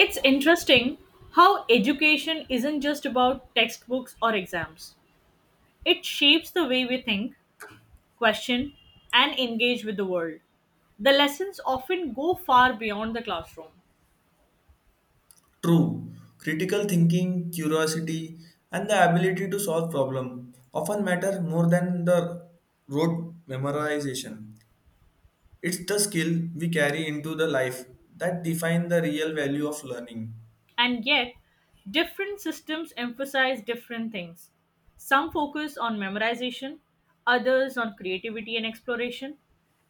It's interesting how education isn't just about textbooks or exams. It shapes the way we think, question, and engage with the world. The lessons often go far beyond the classroom, True. Critical thinking, curiosity, and the ability to solve problem often matter more than the rote memorization. It's the skill we carry into the life that define the real value of learning. and yet, different systems emphasize different things. Some focus on memorization, others on creativity and exploration.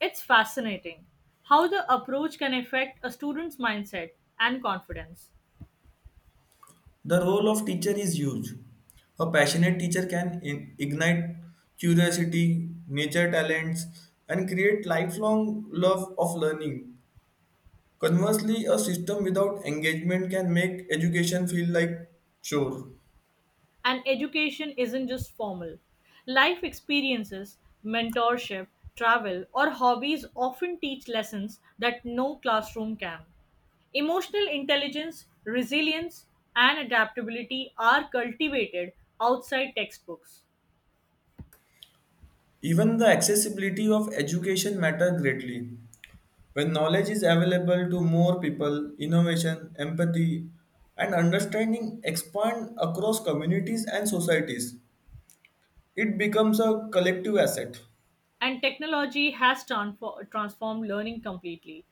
It's fascinating how the approach can affect a student's mindset and confidence. The role of teacher is huge. A passionate teacher can ignite curiosity, nature talents, and create lifelong love of learning. Conversely, a system without engagement can make education feel like chore. And education isn't just formal. Life experiences, mentorship, travel, or hobbies often teach lessons that no classroom can. Emotional intelligence, resilience, and adaptability are cultivated outside textbooks. Even the accessibility of education matter greatly. When knowledge is available to more people, innovation, empathy, and understanding expand across communities and societies. It becomes a collective asset. And technology has transformed learning completely.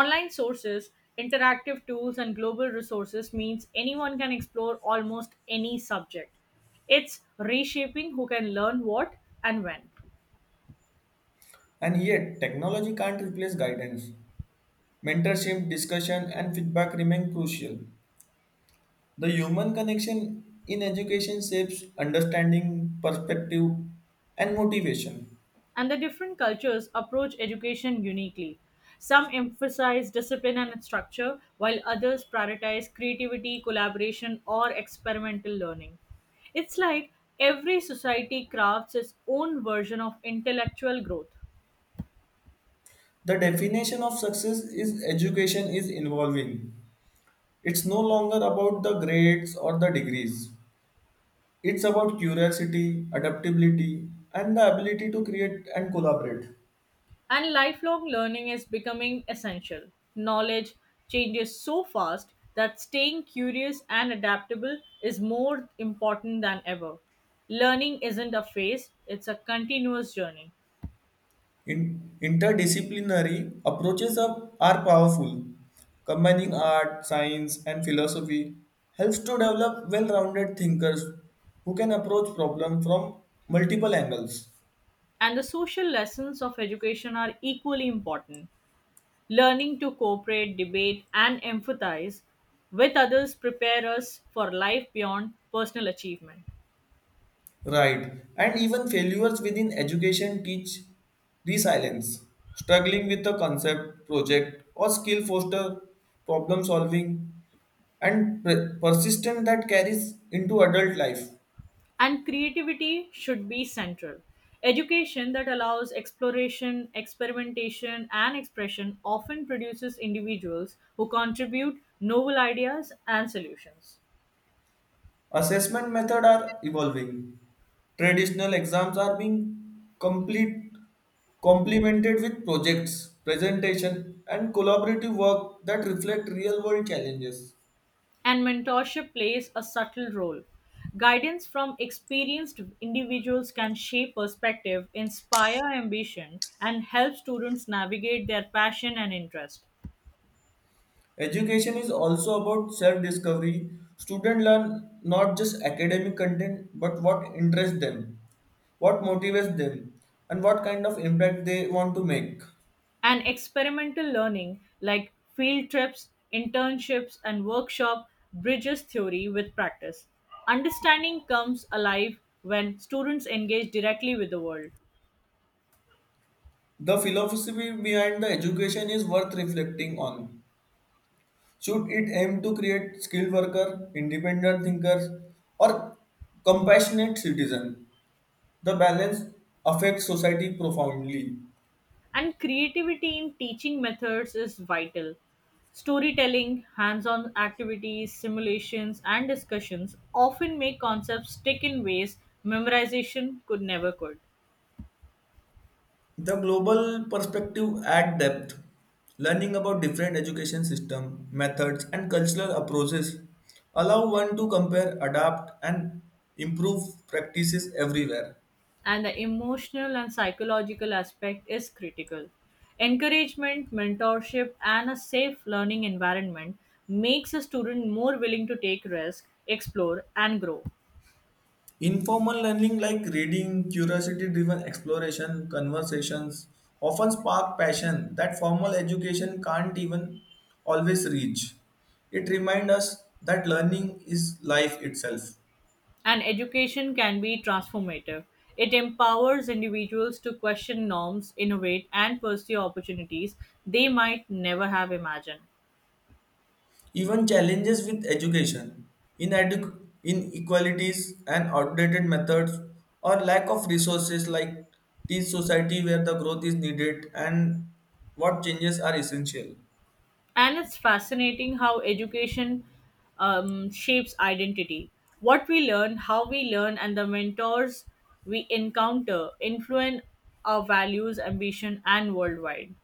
Online sources, interactive tools, and global resources means anyone can explore almost any subject. It's reshaping who can learn what and when. And yet, technology can't replace guidance. Mentorship, discussion, and feedback remain crucial. The human connection in education shapes understanding, perspective, and motivation. And the different cultures approach education uniquely. Some emphasize discipline and structure, while others prioritize creativity, collaboration, or experimental learning. It's like every society crafts its own version of intellectual growth. The definition of success is education is involving. It's no longer about the grades or the degrees. It's about curiosity, adaptability, and the ability to create and collaborate. And lifelong learning is becoming essential. Knowledge changes so fast that staying curious and adaptable is more important than ever. Learning isn't a phase, it's a continuous journey. Interdisciplinary approaches are powerful. Combining art, science, and philosophy helps to develop well rounded thinkers who can approach problems from multiple angles. And the social lessons of education are equally important. Learning to cooperate, debate, and empathize with others prepare us for life beyond personal achievement. Right. And even failures within education teach resilience. Struggling with a concept, project, or skill foster problem solving and persistence that carries into adult life. And creativity should be central. Education that allows exploration, experimentation, and expression often produces individuals who contribute novel ideas and solutions. Assessment methods are evolving. Traditional exams are being complete complemented with projects, presentation, and collaborative work that reflect real world challenges. And mentorship plays a subtle role. Guidance from experienced individuals can shape perspective, inspire ambition, and help students navigate their passion and interest. Education is also about self discovery. Students learn not just academic content but what interests them, what motivates them, and what kind of impact they want to make. And experimental learning, like field trips, internships, and workshop, bridges theory with practice. Understanding comes alive when students engage directly with the world. The philosophy behind the education is worth reflecting on. Should it aim to create skilled worker, independent thinkers, or compassionate citizen? The balance affects society profoundly. And creativity in teaching methods is vital. Storytelling, hands on activities, simulations, and discussions often make concepts stick in ways memorization could never could. The global perspective at depth, learning about different education system, methods and cultural approaches allow one to compare, adapt and improve practices everywhere. And the emotional and psychological aspect is critical. Encouragement, mentorship, and a safe learning environment makes a student more willing to take risks, explore, and grow. Informal learning like reading, curiosity driven exploration, conversations often spark passion that formal education can't even always reach. It reminds us that learning is life itself. And education can be transformative. It empowers individuals to question norms, innovate, and pursue opportunities they might never have imagined. Even challenges with education, inadequate inequalities and outdated methods, or lack of resources like this society where the growth is needed and what changes are essential. And it's fascinating how education shapes identity. What we learn, how we learn, and the mentors we encounter influence our values, ambition, and worldwide.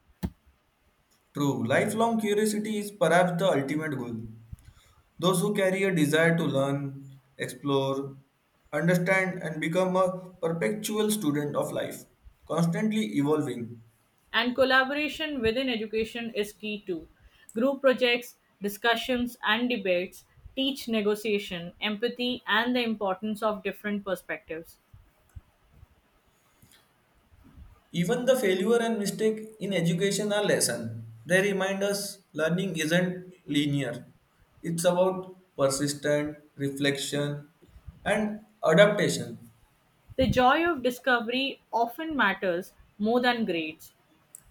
True, lifelong curiosity is perhaps the ultimate goal. Those who carry a desire to learn, explore, understand, and become a perpetual student of life, constantly evolving. And collaboration within education is key too. Group projects, discussions, and debates teach negotiation, empathy, and the importance of different perspectives. Even the failure and mistake in education are lesson. They remind us learning isn't linear. It's about persistent reflection and adaptation. The joy of discovery often matters more than grades.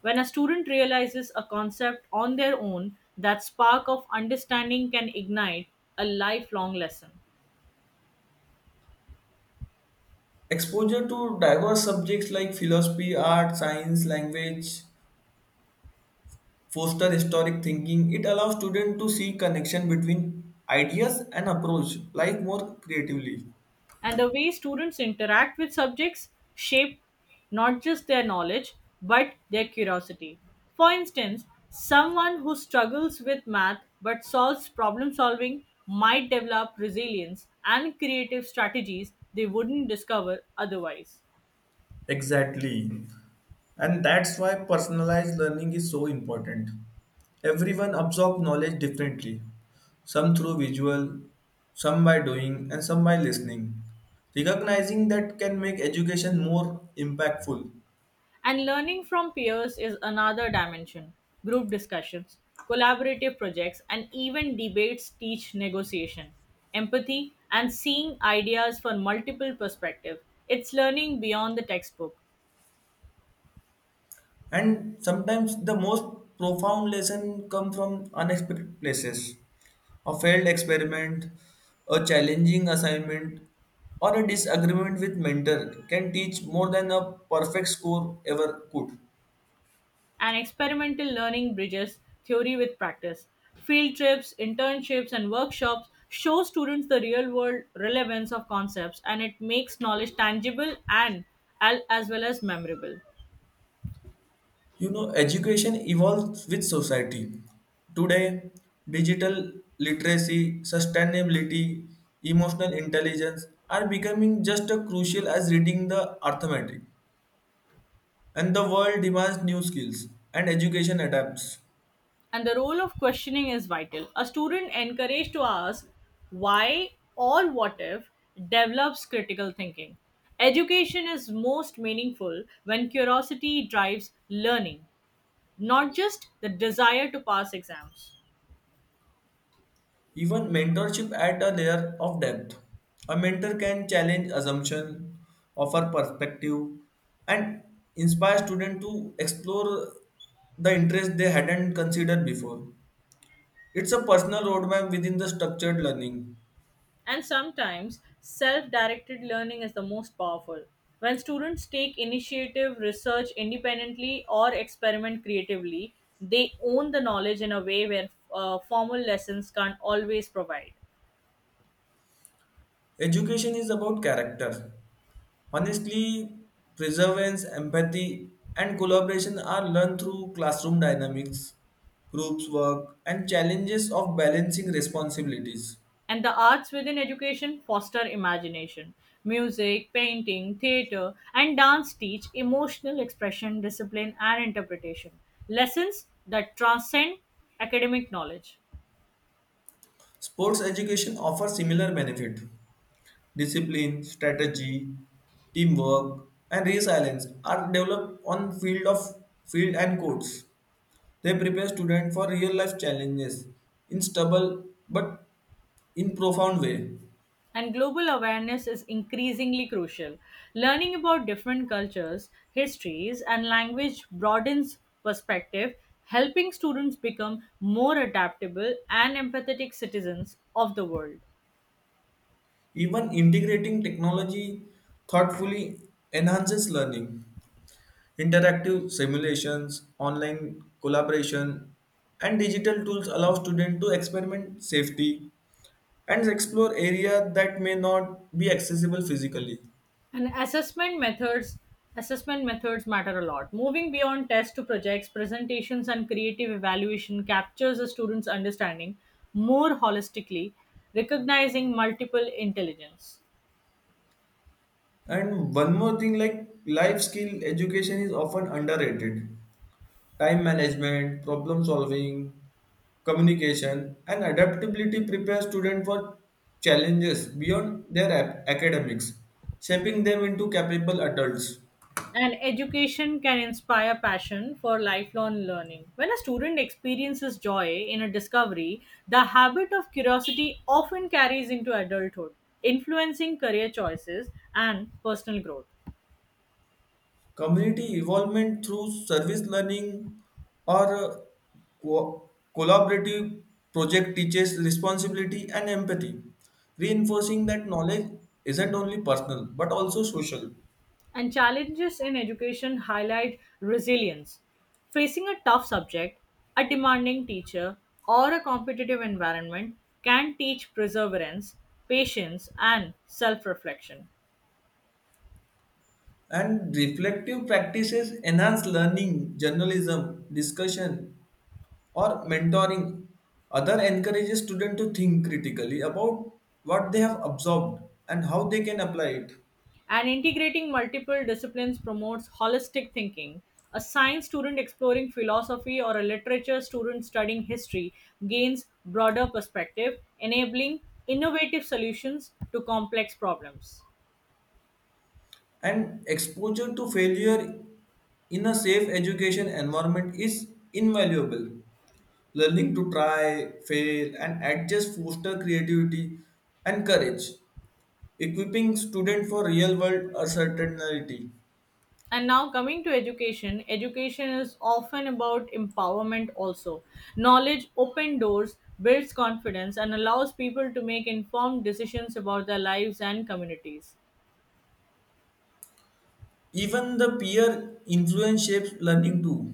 When a student realizes a concept on their own, that spark of understanding can ignite a lifelong lesson. Exposure to diverse subjects like philosophy, art, science, language, foster historic thinking. It allows students to see connection between ideas and approach life more creatively. And the way students interact with subjects shape not just their knowledge but their curiosity. For instance, someone who struggles with math but solves problem solving might develop resilience and creative strategies they wouldn't discover otherwise. Exactly. And that's why personalized learning is so important. Everyone absorbs knowledge differently, some through visual, some by doing, and some by listening. Recognizing that can make education more impactful. And learning from peers is another dimension. Group discussions, collaborative projects, and even debates teach negotiation, empathy, and seeing ideas from multiple perspectives. It's learning beyond the textbook. And sometimes the most profound lesson come from unexpected places. A failed experiment, a challenging assignment, or a disagreement with mentor can teach more than a perfect score ever could. And experimental learning bridges theory with practice. Field trips, internships, and workshops show students the real world relevance of concepts, and it makes knowledge tangible and as well as memorable. You know, education evolves with society. Today, digital literacy, sustainability, emotional intelligence are becoming just as crucial as reading the arithmetic. And the world demands new skills, and education adapts. And the role of questioning is vital. A student encouraged to ask why or what if develops critical thinking. Education is most meaningful when curiosity drives learning, not just the desire to pass exams. Even mentorship adds a layer of depth. A mentor can challenge assumption, offer perspective, and inspire students to explore the interest they hadn't considered before. It's a personal roadmap within the structured learning. And sometimes self directed learning is the most powerful. When students take initiative, research independently, or experiment creatively, they own the knowledge in a way where formal lessons can't always provide. Education is about character, honestly, perseverance, empathy, and collaboration are learned through classroom dynamics, groups work, and challenges of balancing responsibilities. And the arts within education foster imagination. Music, painting, theater, and dance teach emotional expression, discipline, and interpretation. Lessons that transcend academic knowledge. Sports education offers similar benefit. Discipline, strategy, teamwork, and resilience are developed on field of field and courts. They prepare students for real life challenges in stubble but in profound way. And global awareness is increasingly crucial. Learning about different cultures, histories, and language broadens perspective, helping students become more adaptable and empathetic citizens of the world. Even integrating technology thoughtfully enhances learning. Interactive simulations, online collaboration, and digital tools allow students to experiment safely and explore areas that may not be accessible physically. And assessment methods matter a lot. Moving beyond tests to projects, presentations, and creative evaluation captures a student's understanding more holistically, recognizing multiple intelligence. And one more thing like life skill education is often underrated. Time management, problem solving, communication, and adaptability prepare students for challenges beyond their academics, shaping them into capable adults. And education can inspire passion for lifelong learning. When a student experiences joy in a discovery, the habit of curiosity often carries into adulthood, influencing career choices and personal growth. Community involvement through service learning or co- collaborative project teaches responsibility and empathy, reinforcing that knowledge isn't only personal but also social. And challenges in education highlight resilience. Facing a tough subject, a demanding teacher, or a competitive environment can teach perseverance, patience, and self reflection. And reflective practices enhance learning, journalism, discussion, or mentoring. Other encourages students to think critically about what they have absorbed and how they can apply it. And integrating multiple disciplines promotes holistic thinking. A science student exploring philosophy or a literature student studying history gains broader perspective, enabling innovative solutions to complex problems. And exposure to failure in a safe education environment is invaluable. Learning to try, fail, and adjust foster creativity and courage, equipping students for real world uncertainty. And now coming to education is often about empowerment also. Knowledge open doors, builds confidence, and allows people to make informed decisions about their lives and communities. Even the peer influence shapes learning too.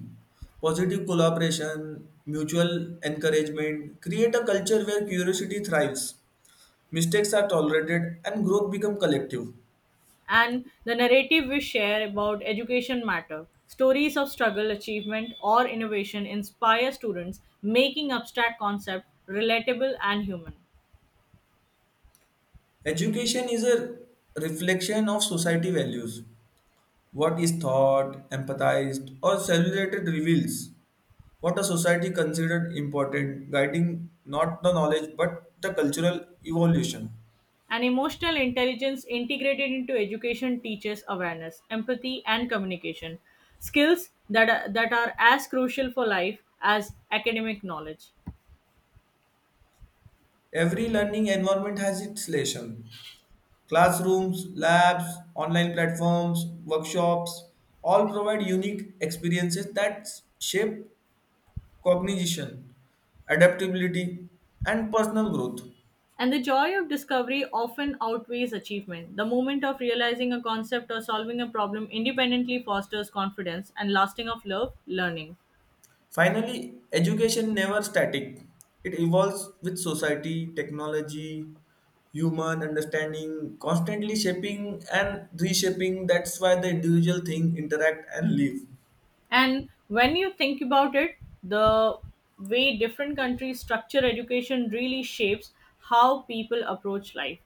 Positive collaboration, mutual encouragement create a culture where curiosity thrives, mistakes are tolerated, and growth become collective. And the narrative we share about education matter. Stories of struggle, achievement, or innovation inspire students, making abstract concepts relatable and human. Education is a reflection of society values. What is taught, empathized, or celebrated reveals what a society considered important, guiding not the knowledge but the cultural evolution. And emotional intelligence integrated into education teaches awareness, empathy, and communication skills that are as crucial for life as academic knowledge. Every learning environment has its lesson, classrooms, labs, online platforms, workshops all provide unique experiences that shape cognition, adaptability, and personal growth. And the joy of discovery often outweighs achievement. The moment of realizing a concept or solving a problem independently fosters confidence and lasting of love learning. Finally, education never static. It evolves with society, technology, human understanding, constantly shaping and reshaping. That's why the individual thing interact and live. And when you think about it, the way different countries structure education really shapes how people approach life.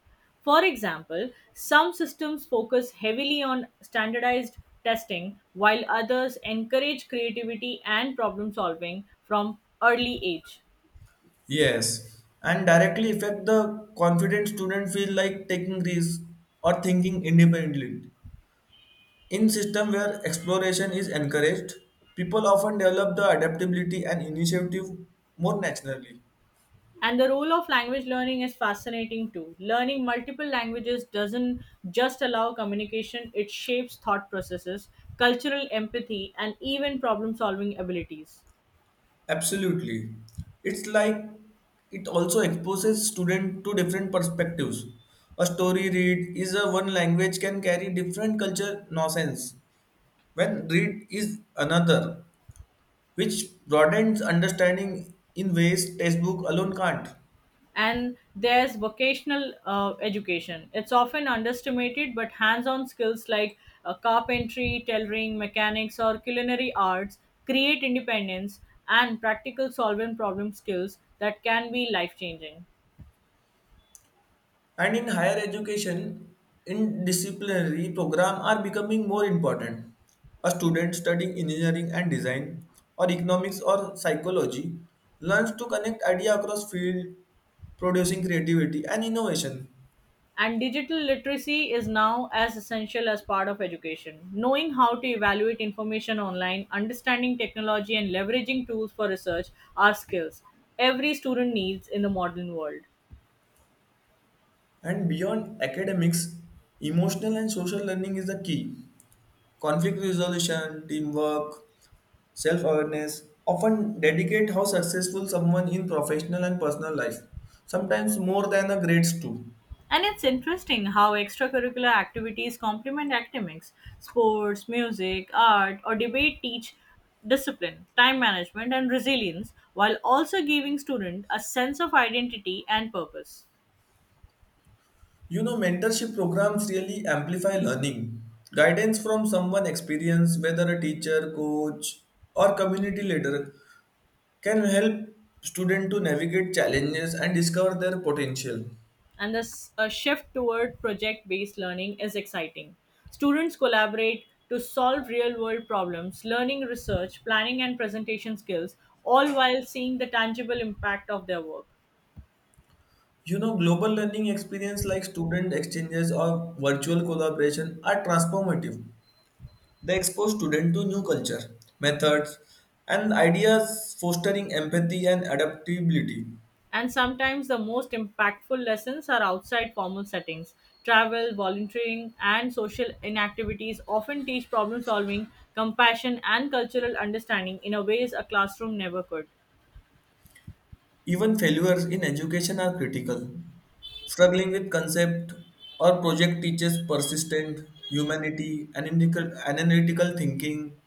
For example, some systems focus heavily on standardized testing, while others encourage creativity and problem solving from early age. Yes, and directly affect the confident student feel like taking risks or thinking independently. In system where exploration is encouraged, people often develop the adaptability and initiative more naturally. And the role of language learning is fascinating too. Learning multiple languages doesn't just allow communication, it shapes thought processes, cultural empathy, and even problem solving abilities. Absolutely. It's like it also exposes student to different perspectives. A story read is a one language can carry different culture nonsense when read is another which broadens understanding in ways textbook alone can't. And there's vocational education. It's often underestimated, but hands on skills like carpentry, tailoring, mechanics, or culinary arts create independence and practical solvent problem skills that can be life changing. And in higher education, interdisciplinary programs are becoming more important. A student studying engineering and design, or economics or psychology, learns to connect ideas across fields, producing creativity and innovation. And digital literacy is now as essential as part of education. Knowing how to evaluate information online, understanding technology, and leveraging tools for research are skills every student needs in the modern world. And beyond academics, emotional and social learning is the key. Conflict resolution, teamwork, self awareness often dedicate how successful someone in professional and personal life, sometimes more than the grades too. And it's interesting how extracurricular activities complement academics. Sports, music, art, or debate teach discipline, time management, and resilience, while also giving students a sense of identity and purpose. You know, mentorship programs really amplify learning. Guidance from someone experienced, whether a teacher, coach, or community leader, can help students to navigate challenges and discover their potential. And this a shift toward project based learning is exciting. Students collaborate to solve real world problems, learning research, planning, and presentation skills, all while seeing the tangible impact of their work. You know, global learning experience like student exchanges or virtual collaboration are transformative. They expose students to new culture, methods, and ideas, fostering empathy and adaptability. And sometimes the most impactful lessons are outside formal settings. Travel, volunteering, and social inactivities often teach problem solving, compassion, and cultural understanding in a ways a classroom never could. Even failures in education are critical. Struggling with concept or project teaches persistent humanity, analytical thinking.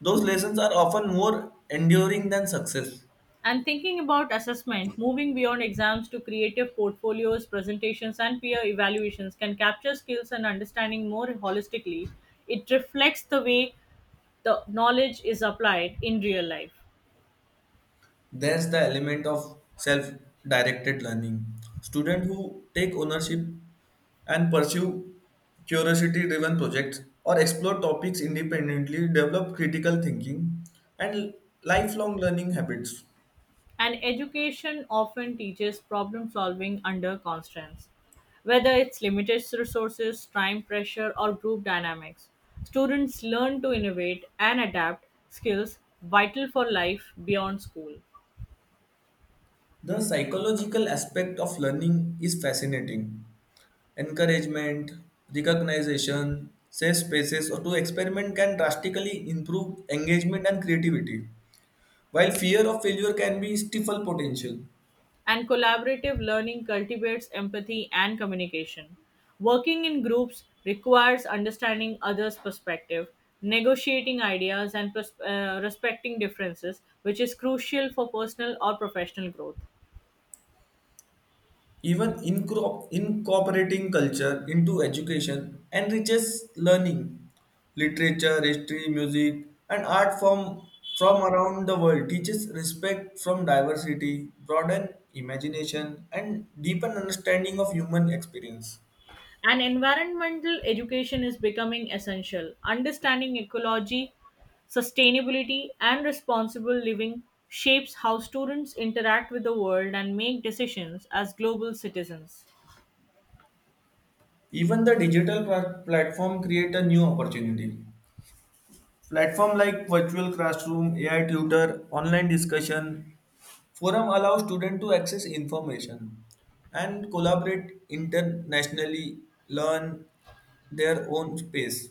Those lessons are often more enduring than success. And thinking about assessment, moving beyond exams to creative portfolios, presentations, and peer evaluations can capture skills and understanding more holistically. It reflects the way the knowledge is applied in real life. There's the element of self-directed learning. Students who take ownership and pursue curiosity-driven projects or explore topics independently develop critical thinking and lifelong learning habits. And education often teaches problem solving under constraints, whether it's limited resources, time pressure, or group dynamics. Students learn to innovate and adapt skills vital for life beyond school. The psychological aspect of learning is fascinating. Encouragement, recognition, safe spaces to experiment can drastically improve engagement and creativity, while fear of failure can be stifle potential. And collaborative learning cultivates empathy and communication. Working in groups requires understanding others' perspective, negotiating ideas, and respecting differences, which is crucial for personal or professional growth. Even incorporating culture into education enriches learning. Literature, history, music, and art form from around the world teaches respect from diversity, broaden imagination, and deepen understanding of human experience. And environmental education is becoming essential. Understanding ecology, sustainability, and responsible living shapes how students interact with the world and make decisions as global citizens. Even the digital platform create a new opportunity. Platform like virtual classroom, AI tutor, online discussion forum allow students to access information and collaborate internationally, learn their own space.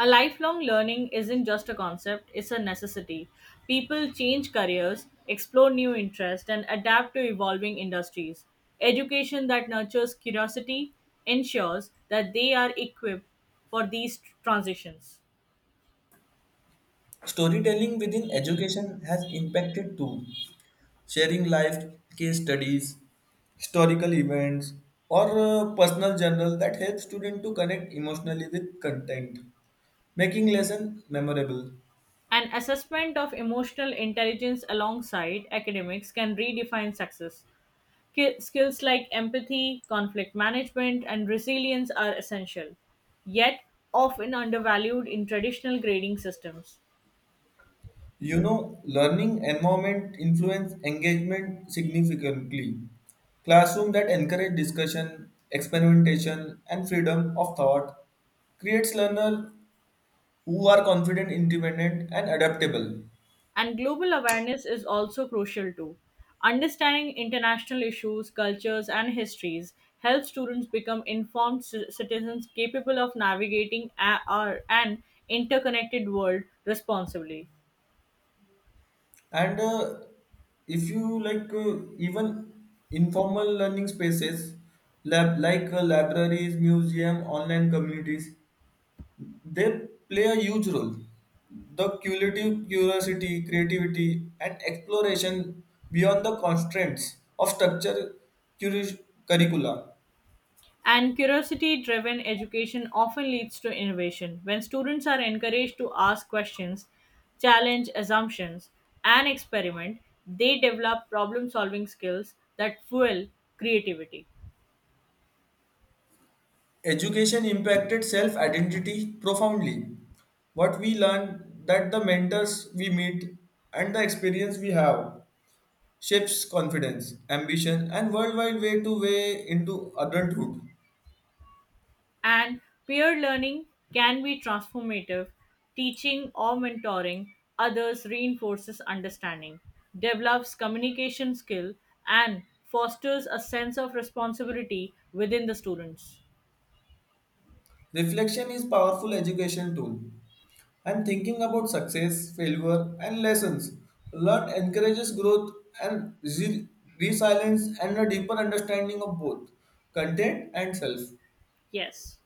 A lifelong learning isn't just a concept, it's a necessity. People change careers, explore new interests, and adapt to evolving industries. Education that nurtures curiosity ensures that they are equipped for these transitions. Storytelling within education has impacted too, sharing life case studies, historical events, or personal journal that helps students to connect emotionally with content, making lesson memorable. An assessment of emotional intelligence alongside academics can redefine success. Skills like empathy, conflict management, and resilience are essential, yet often undervalued in traditional grading systems. You know, learning environment influence engagement significantly. Classroom that encourage discussion, experimentation, and freedom of thought creates learner who are confident, independent, and adaptable. And global awareness is also crucial too. Understanding international issues, cultures, and histories helps students become informed citizens capable of navigating an interconnected world responsibly. And if you like, even informal learning spaces, lab like libraries, museum, online communities. They play a huge role. The cumulative curiosity, creativity, and exploration beyond the constraints of structure curi- curricula. And curiosity driven education often leads to innovation. When students are encouraged to ask questions, challenge assumptions, and experiment, they develop problem solving skills that fuel creativity. Education impacted self identity profoundly. What we learn that the mentors we meet and the experience we have shapes confidence, ambition, and worldwide way to way into adulthood. And peer learning can be transformative. Teaching or mentoring others reinforces understanding, develops communication skill, and fosters a sense of responsibility within the students. Reflection is powerful education tool. And thinking about success, failure, and lessons. Learned encourages growth and resilience and a deeper understanding of both content and self. Yes.